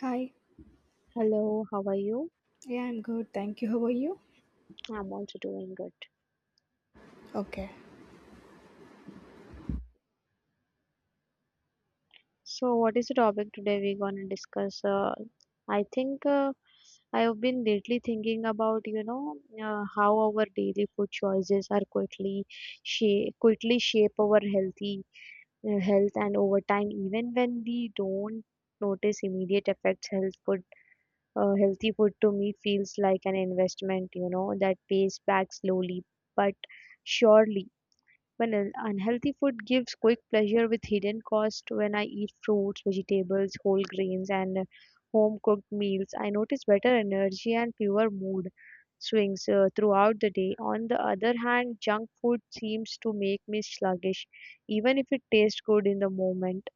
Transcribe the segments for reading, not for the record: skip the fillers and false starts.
Hi. Hello, how are you? Yeah, I'm good. Thank you. How are you? I'm also doing good. Okay. So, what is the topic today we're going to discuss? I think I've been lately thinking about, how our daily food choices are quickly shape our health and over time, even when we don't notice immediate effects, healthy food to me feels like an investment, that pays back slowly but surely. When unhealthy food gives quick pleasure with hidden cost, when I eat fruits, vegetables, whole grains, and home cooked meals, I notice better energy and fewer mood swings throughout the day. On the other hand, junk food seems to make me sluggish, even if it tastes good in the moment.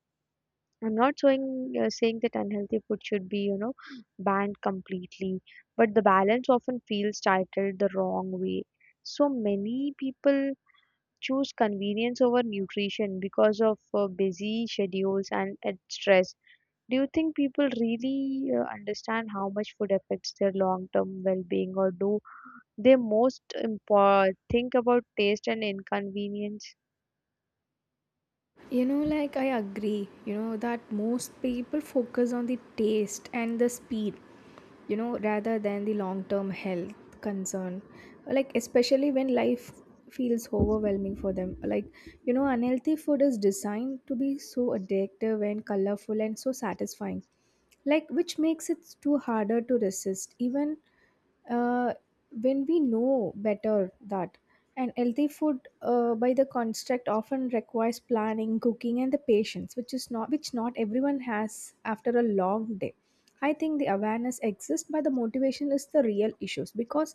I'm not saying that unhealthy food should be, banned completely, but the balance often feels titled the wrong way. So many people choose convenience over nutrition because of busy schedules and stress. Do you think people really understand how much food affects their long-term well-being, or do they think about taste and inconvenience? You know, like I agree, you know, that most people focus on the taste and the speed, you know, rather than the long term health concern. Like, especially when life feels overwhelming for them. Like, you know, unhealthy food is designed to be so addictive and colorful and so satisfying, like, which makes it too harder to resist, even uh, when we know better that and healthy food by the construct often requires planning cooking and the patience which is not which not everyone has after a long day. I think the awareness exists but the motivation is the real issues because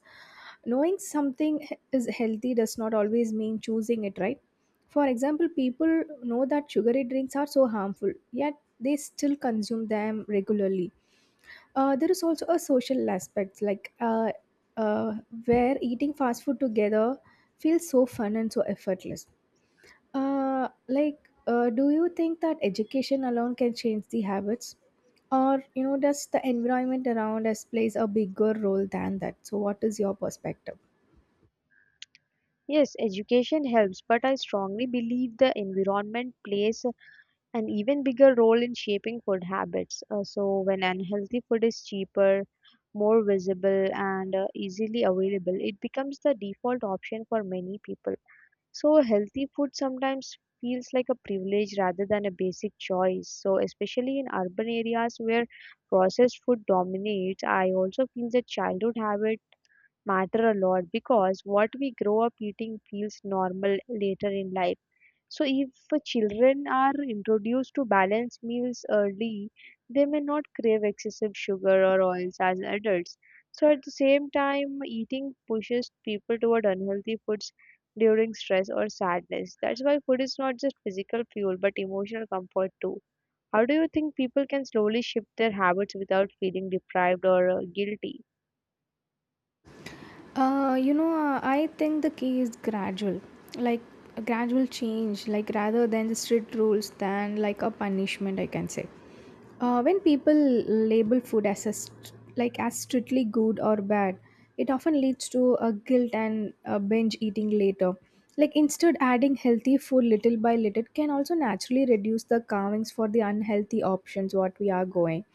knowing something is healthy does not always mean choosing it right. For example, people know that sugary drinks are so harmful yet they still consume them regularly. There is also a social aspect, like, uh, where eating fast food together feels so fun and so effortless. Do you think that education alone can change the habits, or you know, does the environment around us plays a bigger role than that? So, what is your perspective? Yes, education helps, but I strongly believe the environment plays a an even bigger role in shaping food habits. So, when unhealthy food is cheaper, more visible, and easily available, it becomes the default option for many people. So, healthy food sometimes feels like a privilege rather than a basic choice. So, especially in urban areas where processed food dominates, I also feel that childhood habits matter a lot because what we grow up eating feels normal later in life, so, if children are introduced to balanced meals early, they may not crave excessive sugar or oils as adults. So, at the same time, eating pushes people toward unhealthy foods during stress or sadness. That's why food is not just physical fuel but emotional comfort too. How do you think people can slowly shift their habits without feeling deprived or guilty? I think the key is gradual, like a gradual change, like rather than the strict rules, than like a punishment, I can say. When people label food like as strictly good or bad, it often leads to a guilt and a binge eating later. Like instead, adding healthy food little by little can also naturally reduce the carvings for the unhealthy options what we are going.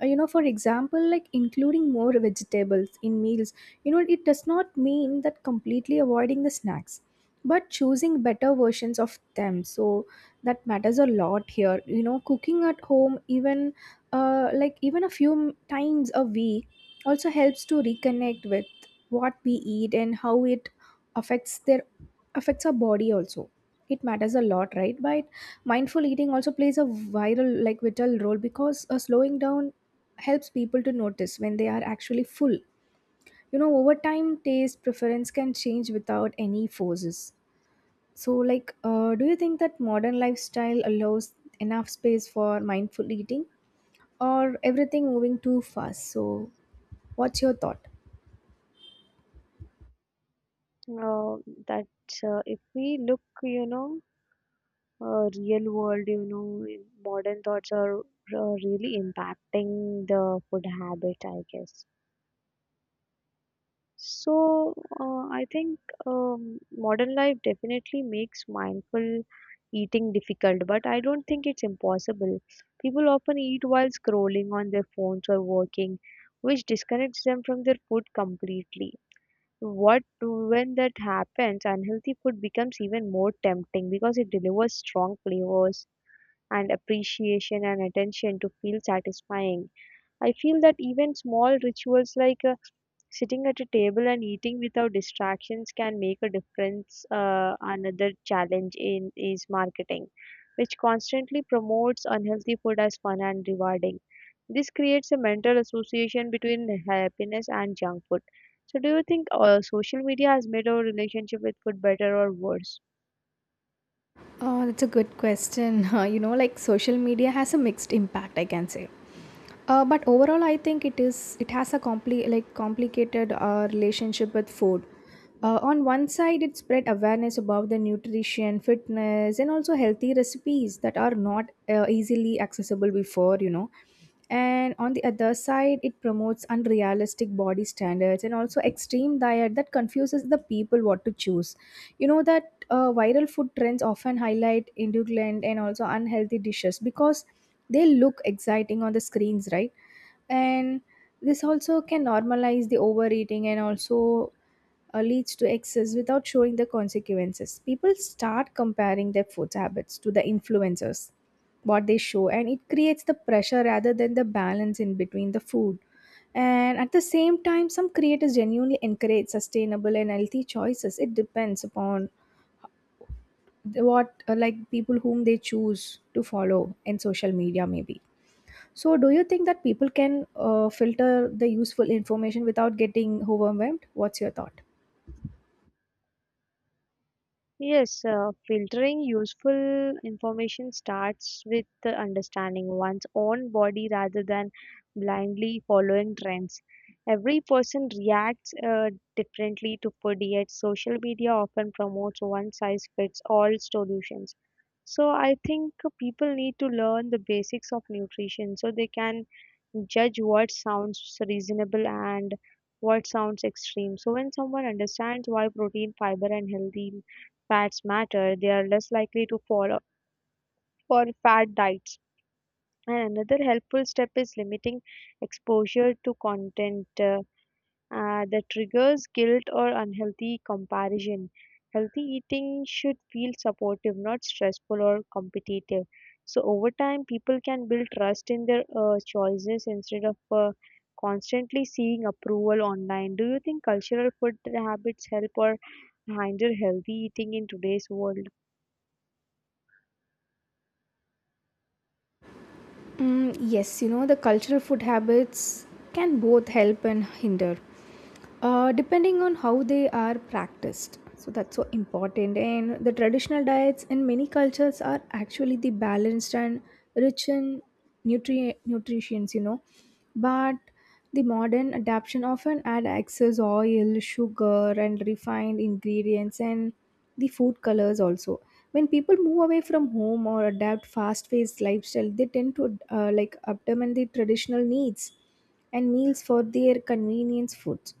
You know, for example, like including more vegetables in meals, you know, it does not mean that completely avoiding the snacks, but choosing better versions of them. So that matters a lot here. You know, cooking at home, even like even a few times a week, also helps to reconnect with what we eat and how it affects their affects our body also. It matters a lot, right? But mindful eating also plays a viral like vital role because slowing down helps people to notice when they are actually full. You know, over time taste preference can change without any forces. So do you think that modern lifestyle allows enough space for mindful eating, or everything moving too fast? So what's your thought? Uh, that if we look, real world, modern thoughts are really impacting the food habit, I guess. So, I think modern life definitely makes mindful eating difficult, but I don't think it's impossible. People often eat while scrolling on their phones or working, which disconnects them from their food completely. What When that happens, unhealthy food becomes even more tempting because it delivers strong flavors, and appreciation and attention to feel satisfying. I feel that even small rituals like sitting at a table and eating without distractions can make a difference. Another challenge in is marketing, which constantly promotes unhealthy food as fun and rewarding. This creates a mental association between happiness and junk food. So, do you think social media has made our relationship with food better or worse? Oh, that's a good question. You know, like social media has a mixed impact, I can say. But overall, I think it has a complicated relationship with food. On one side, it spread awareness about the nutrition, fitness, and also healthy recipes that are not easily accessible before, you know. And on the other side, it promotes unrealistic body standards and also extreme diet that confuses the people what to choose. You know that viral food trends often highlight indulgent and also unhealthy dishes because they look exciting on the screens, right? And this also can normalize the overeating and also leads to excess without showing the consequences. People start comparing their food habits to the influencers what they show, and it creates the pressure rather than the balance in between the food. And at the same time, some creators genuinely encourage sustainable and healthy choices. It depends upon what like people whom they choose to follow in social media maybe. So, do you think that people can filter the useful information without getting overwhelmed? What's your thought? Yes, filtering useful information starts with the understanding one's own body rather than blindly following trends. Every person reacts differently to food, yet social media often promotes one size fits all solutions. So, I think people need to learn the basics of nutrition so they can judge what sounds reasonable and what sounds extreme. So, when someone understands why protein, fiber, and healthy fats matter, they are less likely to fall for fat diets. And another helpful step is limiting exposure to content that triggers guilt or unhealthy comparison. Healthy eating should feel supportive, not stressful or competitive. So, over time, people can build trust in their choices instead of constantly seeing approval online. Do you think cultural food habits help or hinder healthy eating in today's world? Mm, yes, you know, the cultural food habits can both help and hinder, depending on how they are practiced. So that's so important. And the traditional diets in many cultures are actually the balanced and rich in nutrients, you know. But the modern adaptation often add excess oil, sugar, and refined ingredients, and the food colors also. When people move away from home or adapt fast-paced lifestyle, they tend to like abandon the traditional needs and meals for their convenience foods.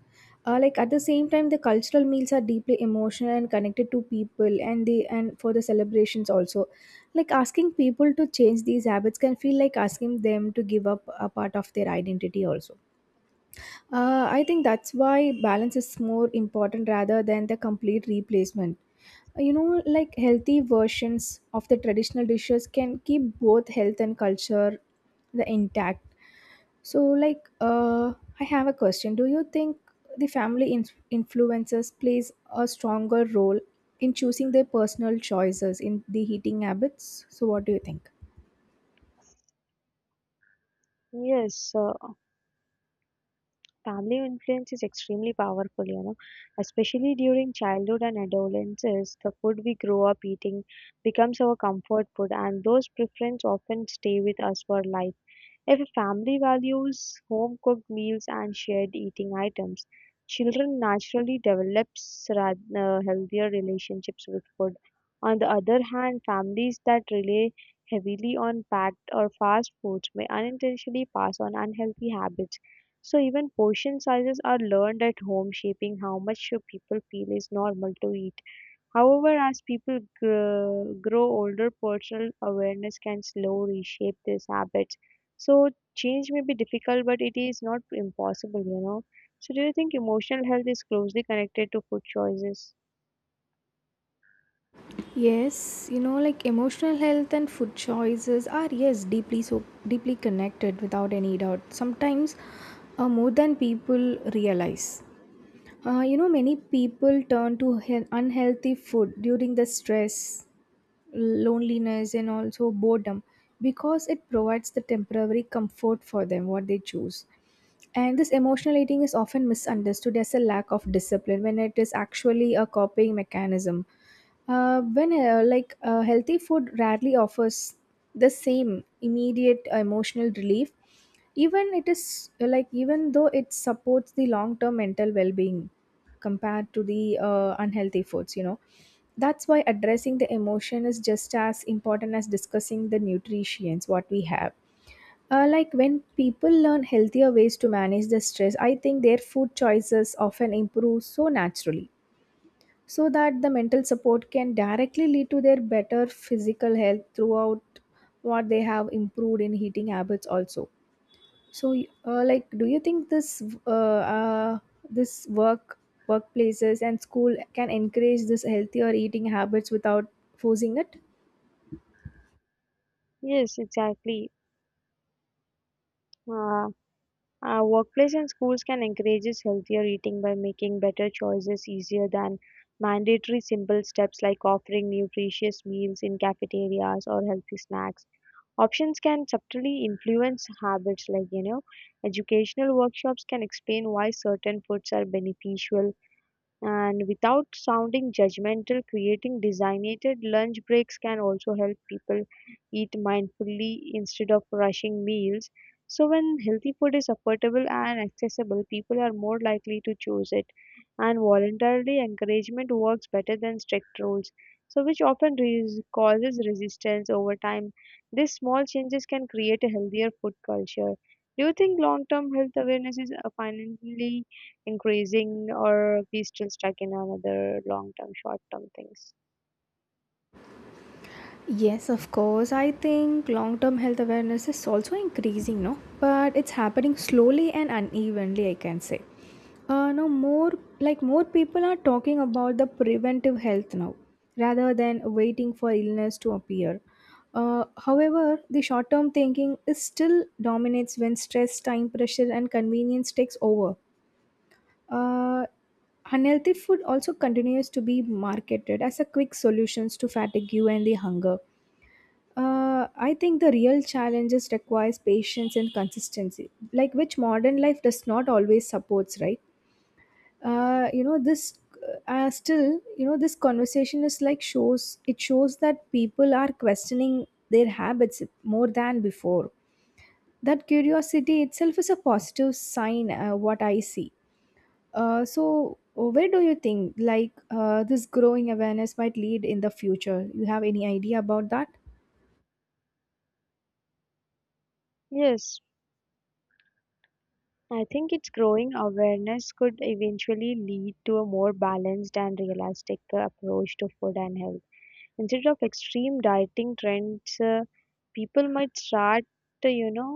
Like at the same time, the cultural meals are deeply emotional and connected to people, and the and for the celebrations also. Like asking people to change these habits can feel like asking them to give up a part of their identity also. I think that's why balance is more important rather than the complete replacement. You know, like healthy versions of the traditional dishes can keep both health and culture the intact. So, I have a question. Do you think the family influences plays a stronger role in choosing their personal choices in the heating habits? So, what do you think? Yes, family influence is extremely powerful, especially during childhood and adolescence. The food we grow up eating becomes our comfort food, and those preferences often stay with us for life. If a family values home-cooked meals and shared eating items, children naturally develop healthier relationships with food. On the other hand, families that rely heavily on packed or fast foods may unintentionally pass on unhealthy habits. So even portion sizes are learned at home, shaping how much people feel is normal to eat. However, as people grow older, personal awareness can slow reshape these habits. So change may be difficult, but it is not impossible. So do you think emotional health is closely connected to food choices? Yes, you know, like emotional health and food choices are yes deeply so deeply connected without any doubt. Sometimes more than people realize. You know, many people turn to unhealthy food during the stress, loneliness, and also boredom because it provides the temporary comfort for them what they choose. And this emotional eating is often misunderstood as a lack of discipline when it is actually a coping mechanism. When healthy food rarely offers the same immediate emotional relief, even it is like even though it supports the long-term mental well-being compared to the unhealthy foods, you know. That's why addressing the emotion is just as important as discussing the nutrients what we have. Like when people learn healthier ways to manage the stress, I think their food choices often improve so naturally, so that the mental support can directly lead to their better physical health throughout what they have improved in eating habits also. So, do you think this uh, uh, this work workplaces and school can encourage this healthier eating habits without forcing it? Yes, exactly. Uh, Workplace and schools can encourage healthier eating by making better choices easier than mandatory simple steps like offering nutritious meals in cafeterias or healthy snacks. Options can subtly influence habits, like educational workshops can explain why certain foods are beneficial and without sounding judgmental, creating designated lunch breaks can also help people eat mindfully instead of rushing meals. So, when healthy food is affordable and accessible, people are more likely to choose it. And voluntarily, encouragement works better than strict rules, so which often causes resistance over time. These small changes can create a healthier food culture. Do you think long term health awareness is finally increasing, or we still stuck in another long term short term things? Yes, of course. I think long term health awareness is also increasing, no? But it's happening slowly and unevenly, I can say. Now, more like more people are talking about the preventive health now rather than waiting for illness to appear. However, the short term thinking is still dominates when stress, time pressure, and convenience takes over. Uh, unhealthy food also continues to be marketed as a quick solutions to fatigue and the hunger. Uh, I think the real challenges requires patience and consistency, like which modern life does not always supports, right? You know this. Still, you know this conversation is like shows. It shows that people are questioning their habits more than before. That curiosity itself is a positive sign. What I see. So, where do you think this growing awareness might lead in the future? You have any idea about that? Yes, I think it's growing awareness could eventually lead to a more balanced and realistic approach to food and health. Instead of extreme dieting trends, people might start, you know,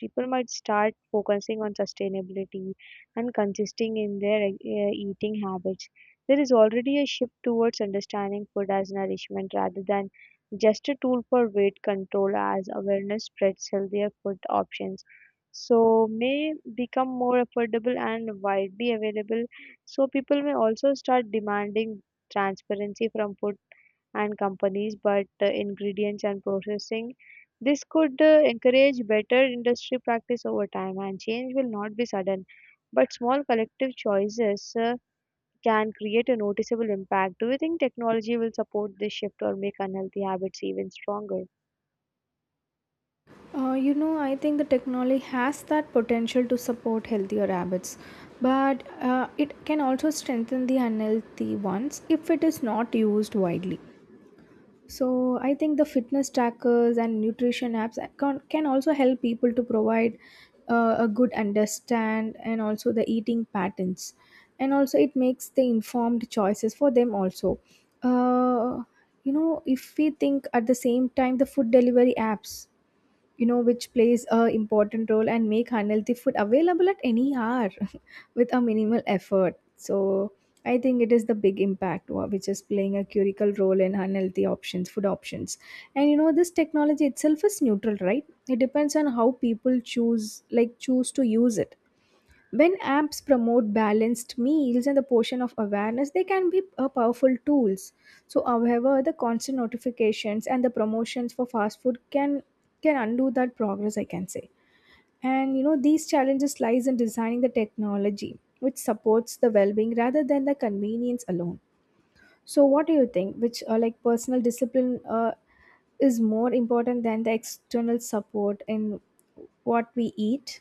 people might start focusing on sustainability and consisting in their eating habits. There is already a shift towards understanding food as nourishment rather than just a tool for weight control, as awareness spreads healthier food options so may become more affordable and widely available, so people may also start demanding transparency from food and companies, but ingredients and processing. This could encourage better industry practice over time, and change will not be sudden. But small collective choices can create a noticeable impact. Do you think technology will support this shift or make unhealthy habits even stronger? You know, I think the technology has that potential to support healthier habits, but it can also strengthen the unhealthy ones if it is not used widely. So, I think the fitness trackers and nutrition apps can also help people to provide a good understand and also the eating patterns. And also, it makes the informed choices for them also. Uh, you know, if we think at the same time, the food delivery apps, you know, which plays a important role and make unhealthy food available at any hour with a minimal effort. So I think it is the big impact which is playing a critical role in unhealthy options food options. And you know, this technology itself is neutral, right? It depends on how people choose to use it. When apps promote balanced meals and the portion of awareness, they can be a powerful tools. So, however, the constant notifications and the promotions for fast food can undo that progress, I can say. And you know, these challenges lies in designing the technology which supports the well-being rather than the convenience alone. So, what do you think? Which like, personal discipline is more important than the external support in what we eat?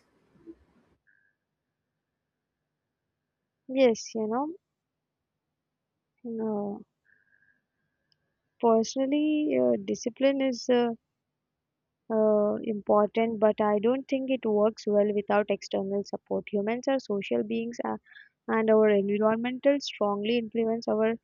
Yes, know, personally, discipline is important, but I don't think it works well without external support. Humans are social beings, and our environmental strongly influence our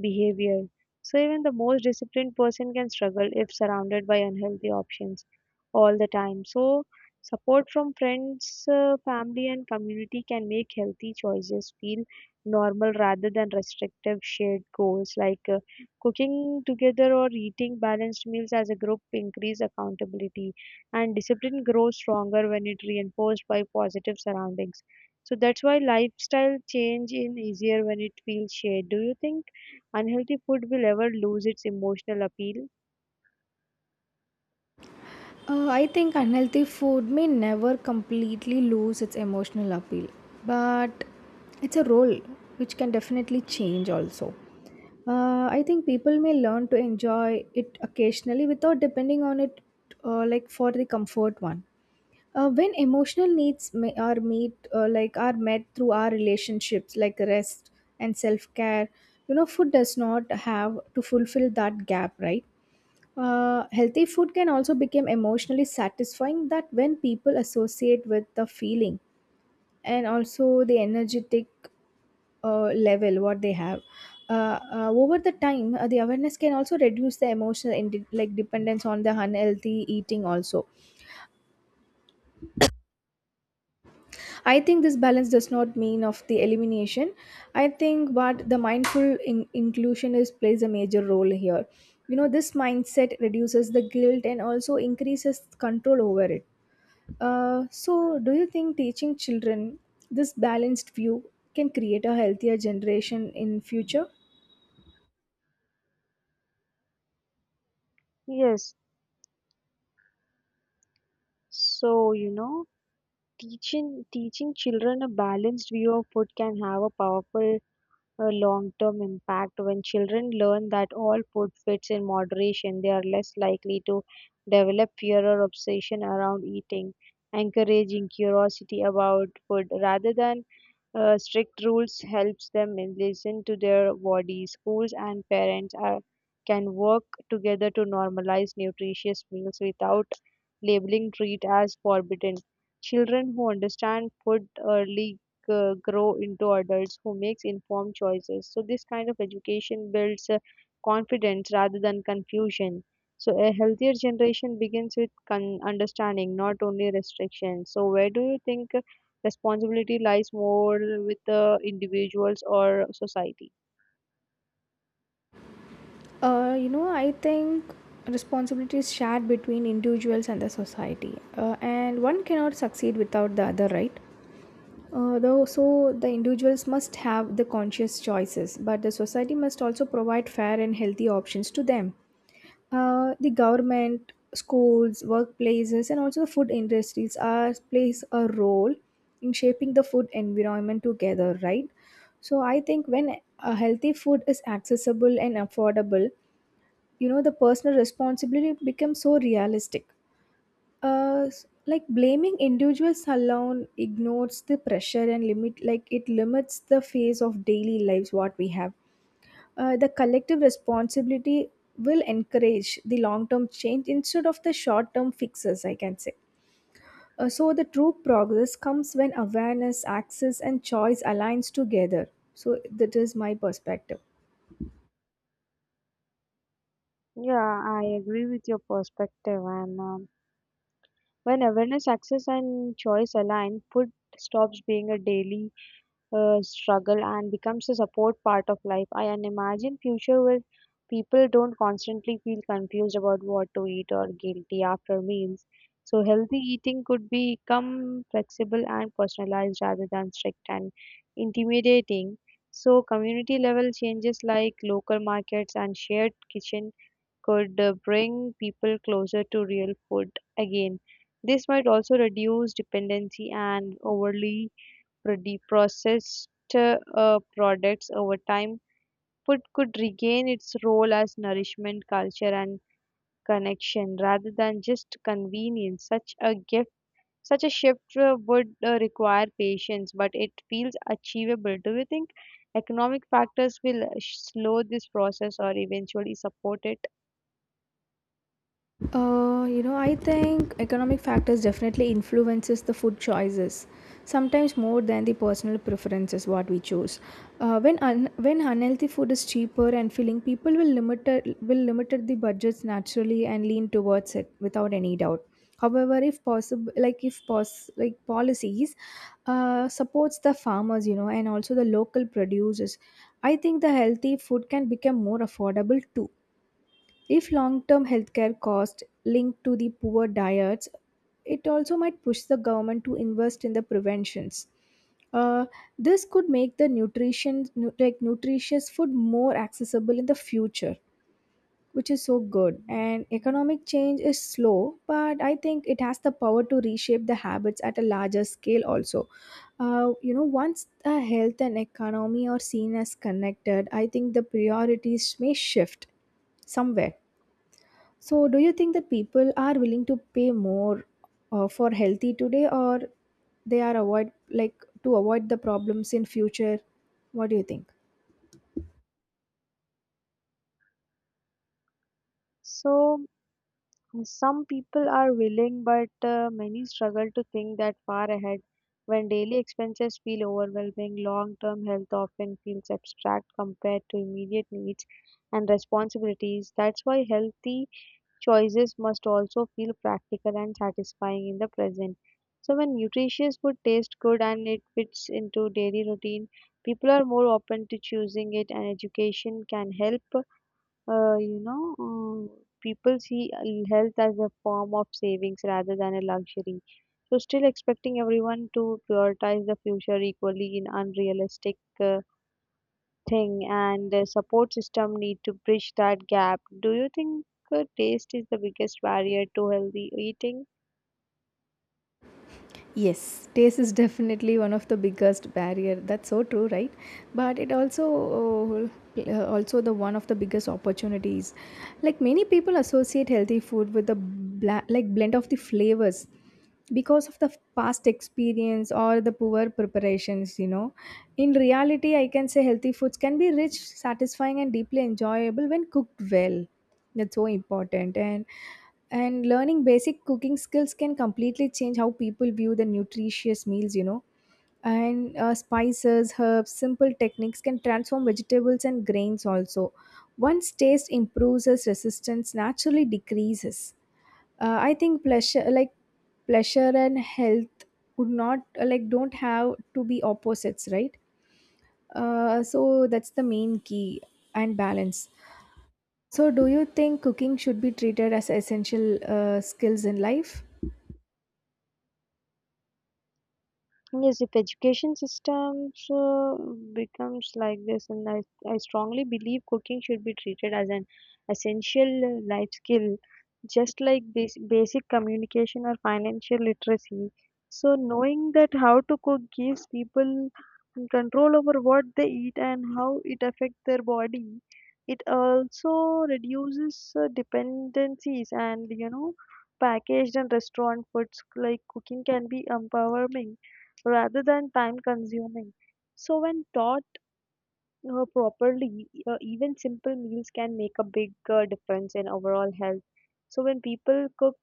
behavior. So even the most disciplined person can struggle if surrounded by unhealthy options all the time. So support from friends, family, and community can make healthy choices feel normal rather than restrictive shared goals like. Cooking together or eating balanced meals as a group increase accountability, and discipline grows stronger when it reinforced by positive surroundings. So that's why lifestyle change in easier when it feels shared. Do you think unhealthy food will ever lose its emotional appeal? I think unhealthy food may never completely lose its emotional appeal, but it's a role which can definitely change also. I think people may learn to enjoy it occasionally without depending on it, like for the comfort one. When emotional needs may, are meet like are met through our relationships like rest and self-care, you know food does not have to fulfill that gap, right? Healthy food can also become emotionally satisfying that when people associate with the feeling and also the energetic level what they have over the time, the awareness can also reduce the emotional like dependence on the unhealthy eating also. I think this balance does not mean of the elimination. I think but the mindful inclusion is plays a major role here. You know, this mindset reduces the guilt and also increases control over it. Do you think teaching children this balanced view can create a healthier generation in future? Yes. So, teaching children a balanced view of food can have a powerful a long-term impact. When children learn that all food fits in moderation, they are less likely to develop fear or obsession around eating, encouraging curiosity about food rather than strict rules helps them in listen to their body. Schools and parents can work together to normalize nutritious meals without labeling treat as forbidden. Children who understand food early grow into adults who makes informed choices. So this kind of education builds confidence rather than confusion. So a healthier generation begins with understanding, not only restriction. So where do you think responsibility lies more, with the individuals or society? I think responsibility is shared between individuals and the society, and one cannot succeed without the other, right? Though so the individuals must have the conscious choices, but the society must also provide fair and healthy options to them. The government, schools, workplaces, and also the food industries are plays a role in shaping the food environment together, right? So I think when a healthy food is accessible and affordable, the personal responsibility becomes so realistic. Like blaming individuals alone ignores the pressure and limit, like it limits the phase of daily lives what we have. The collective responsibility will encourage the long term change instead of the short term fixes, I can say. So the true progress comes when awareness access and choice aligns together, so that is my perspective. Yeah, I agree with your perspective. And when awareness, access, and choice align, food stops being a daily struggle and becomes a support part of life. I can imagine future where people don't constantly feel confused about what to eat or guilty after meals. So healthy eating could become flexible and personalized rather than strict and intimidating. So community level changes like local markets and shared kitchen could bring people closer to real food again. This might also reduce dependency and overly deprocessed products over time, food could regain its role as nourishment, culture, and connection rather than just convenience. Such a shift would require patience, but it feels achievable. Do you think economic factors will slow this process or eventually support it? I think economic factors definitely influences the food choices, sometimes more than the personal preferences what we choose. Uh, when unhealthy food is cheaper and filling, people will limited the budgets naturally and lean towards it without any doubt. However, if possible, like if pos- like policies supports the farmers, you know, and also the local producers, I think the healthy food can become more affordable too. If long term healthcare costs linked to the poor diets, it also might push the government to invest in the preventions. Uh, this could make like nutritious food more accessible in the future, which is so good. And economic change is slow, but I think it has the power to reshape the habits at a larger scale also. You know, once the health and economy are seen as connected, I think the priorities may shift somewhere. So, do you think that people are willing to pay more for healthy today, or they are avoid, to avoid the problems in future? What do you think? So, some people are willing, but many struggle to think that far ahead. When daily expenses feel overwhelming, long term health often feels abstract compared to immediate needs and responsibilities. That's why healthy choices must also feel practical and satisfying in the present. So, when nutritious food tastes good and it fits into daily routine, people are more open to choosing it, and education can help uh, you know, uh, people see health as a form of savings rather than a luxury. So, still expecting everyone to prioritize the future equally in unrealistic thing, and the support system need to bridge that gap. Do you think taste is the biggest barrier to healthy eating? Yes, taste is definitely one of the biggest barrier. That's so true, right? But it also also the one of the biggest opportunities. Like many people associate healthy food with the like blend of the flavors because of the past experience or the poor preparations, you know. In reality, I can say healthy foods can be rich, satisfying and deeply enjoyable when cooked well. That's so important, and learning basic cooking skills can completely change how people view the nutritious meals, you know. And spices, herbs, simple techniques can transform vegetables and grains also. Once taste improves, as resistance naturally decreases. I think pleasure, like pleasure and health, would not like don't have to be opposites, right? So that's the main key and balance. So, do you think cooking should be treated as essential skills in life? Yes, if education systems becomes like this, and I strongly believe cooking should be treated as an essential life skill, just like basic communication or financial literacy. So, knowing that how to cook gives people control over what they eat and how it affects their body. It also reduces dependencies and packaged and restaurant foods, like cooking can be empowering rather than time consuming. So, when taught properly, even simple meals can make a big difference in overall health. So, when people cook,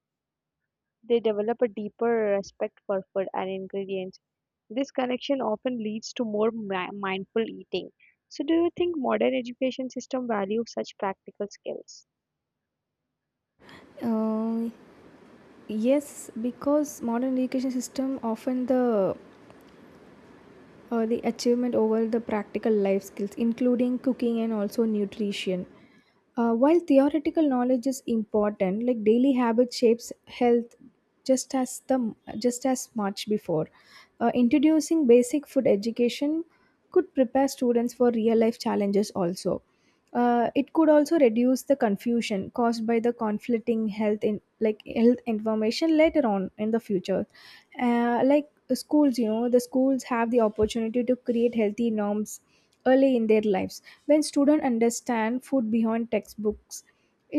they develop a deeper respect for food and ingredients. This connection often leads to more mindful eating. So, do you think modern education system values such practical skills? Uh, yes, because modern education system often the achievement over the practical life skills, including cooking and also nutrition. While theoretical knowledge is important, like daily habit shapes health just as much before. Introducing basic food education could prepare students for real life challenges also. It could also reduce the confusion caused by the conflicting health in like health information later on in the future. uh, like Schools, the schools have the opportunity to create healthy norms early in their lives. When students understand food beyond textbooks,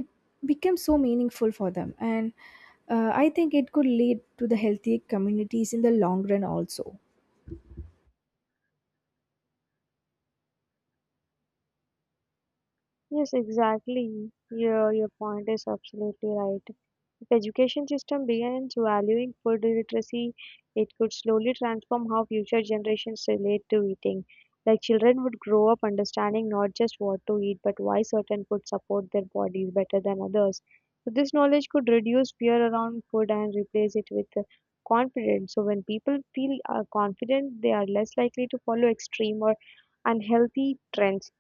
it becomes so meaningful for them. And I think it could lead to the healthy communities in the long run also. Yes, exactly. Your point is absolutely right. If education system begins valuing food literacy, it could slowly transform how future generations relate to eating. Like children would grow up understanding not just what to eat, but why certain foods support their bodies better than others. So this knowledge could reduce fear around food and replace it with confidence. So when people feel confident, they are less likely to follow extreme or unhealthy trends.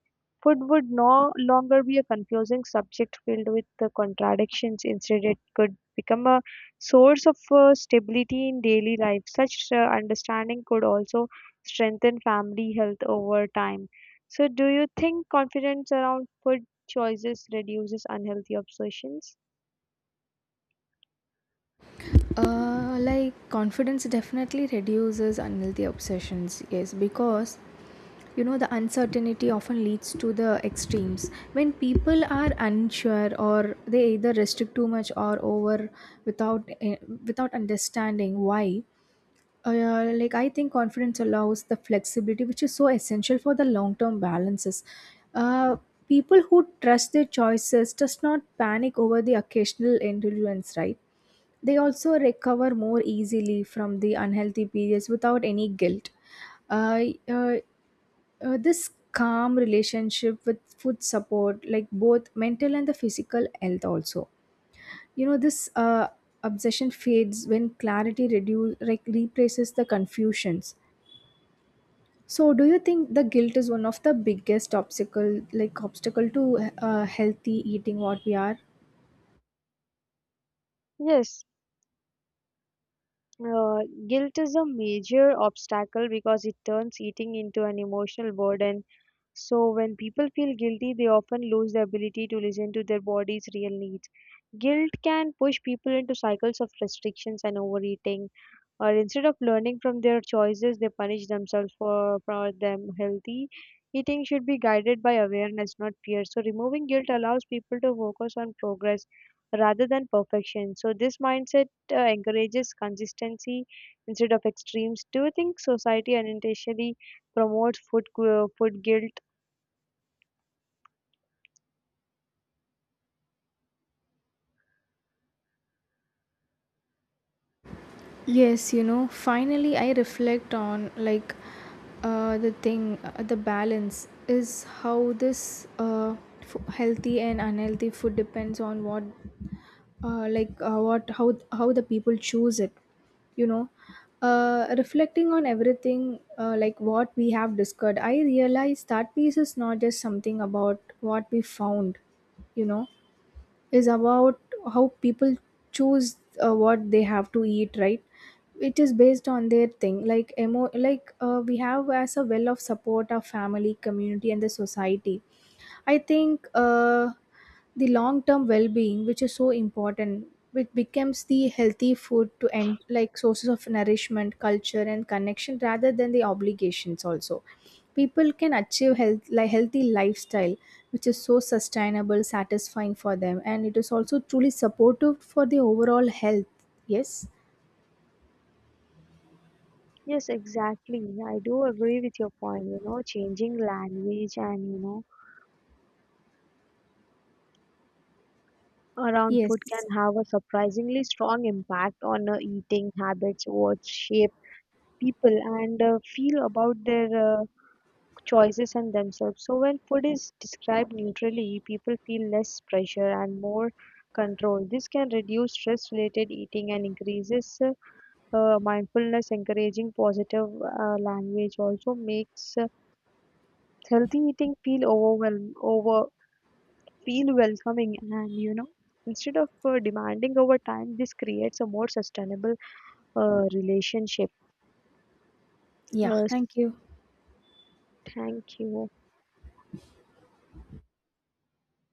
Food would no longer be a confusing subject filled with the contradictions. Instead, it could become a source of stability in daily life. Such understanding could also strengthen family health over time. So, do you think confidence around food choices reduces unhealthy obsessions? Confidence definitely reduces unhealthy obsessions, yes, because you know the uncertainty often leads to the extremes. When people are unsure or they either restrict too much or over without eh, without understanding why. I think confidence allows the flexibility, which is so essential for the long term balances. Uh, People who trust their choices does not panic over the occasional indulgence, right? They also recover more easily from the unhealthy periods without any guilt. Uh, uh, this calm relationship with food support, like both mental and the physical health, also. You know, this Obsession fades when clarity reduce, like replaces the confusions. So, do you think the guilt is one of the biggest obstacle, like obstacle to healthy eating? What we are? Yes. Uh, Guilt is a major obstacle because it turns eating into an emotional burden. So, when people feel guilty, they often lose the ability to listen to their body's real needs. Guilt can push people into cycles of restrictions and overeating, or instead of learning from their choices they punish themselves for. For them, healthy eating should be guided by awareness, not fear, so removing guilt allows people to focus on progress rather than perfection. So this mindset encourages consistency instead of extremes. Do you think society unintentionally promotes food guilt? Yes, you know, finally I reflect on the thing, the balance is how this healthy and unhealthy food depends on what, what how the people choose it. You know, reflecting on everything like what we have discussed, I realize that piece is not just something about what we found. You know, is about how people choose what they have to eat, right? It is based on their thing, like emo like we have as a well of support our family community and the society. I think the long term well being, which is so important, which becomes the healthy food to end like sources of nourishment, culture, and connection rather than the obligations. Also, people can achieve health like healthy lifestyle, which is so sustainable, satisfying for them, and it is also truly supportive for the overall health. Yes. Yes, exactly. I do agree with your point. Changing language and around food can Yes. have a surprisingly strong impact on eating habits, what shape people and feel about their uh, choices and themselves. So, when food is described neutrally, people feel less pressure and more control. This can reduce stress related eating and increases mindfulness, encouraging positive language, also makes healthy eating feel overwhelm over feel welcoming, and instead of demanding over time this creates a more sustainable relationship. Yeah. uh, Thank you. Thank you.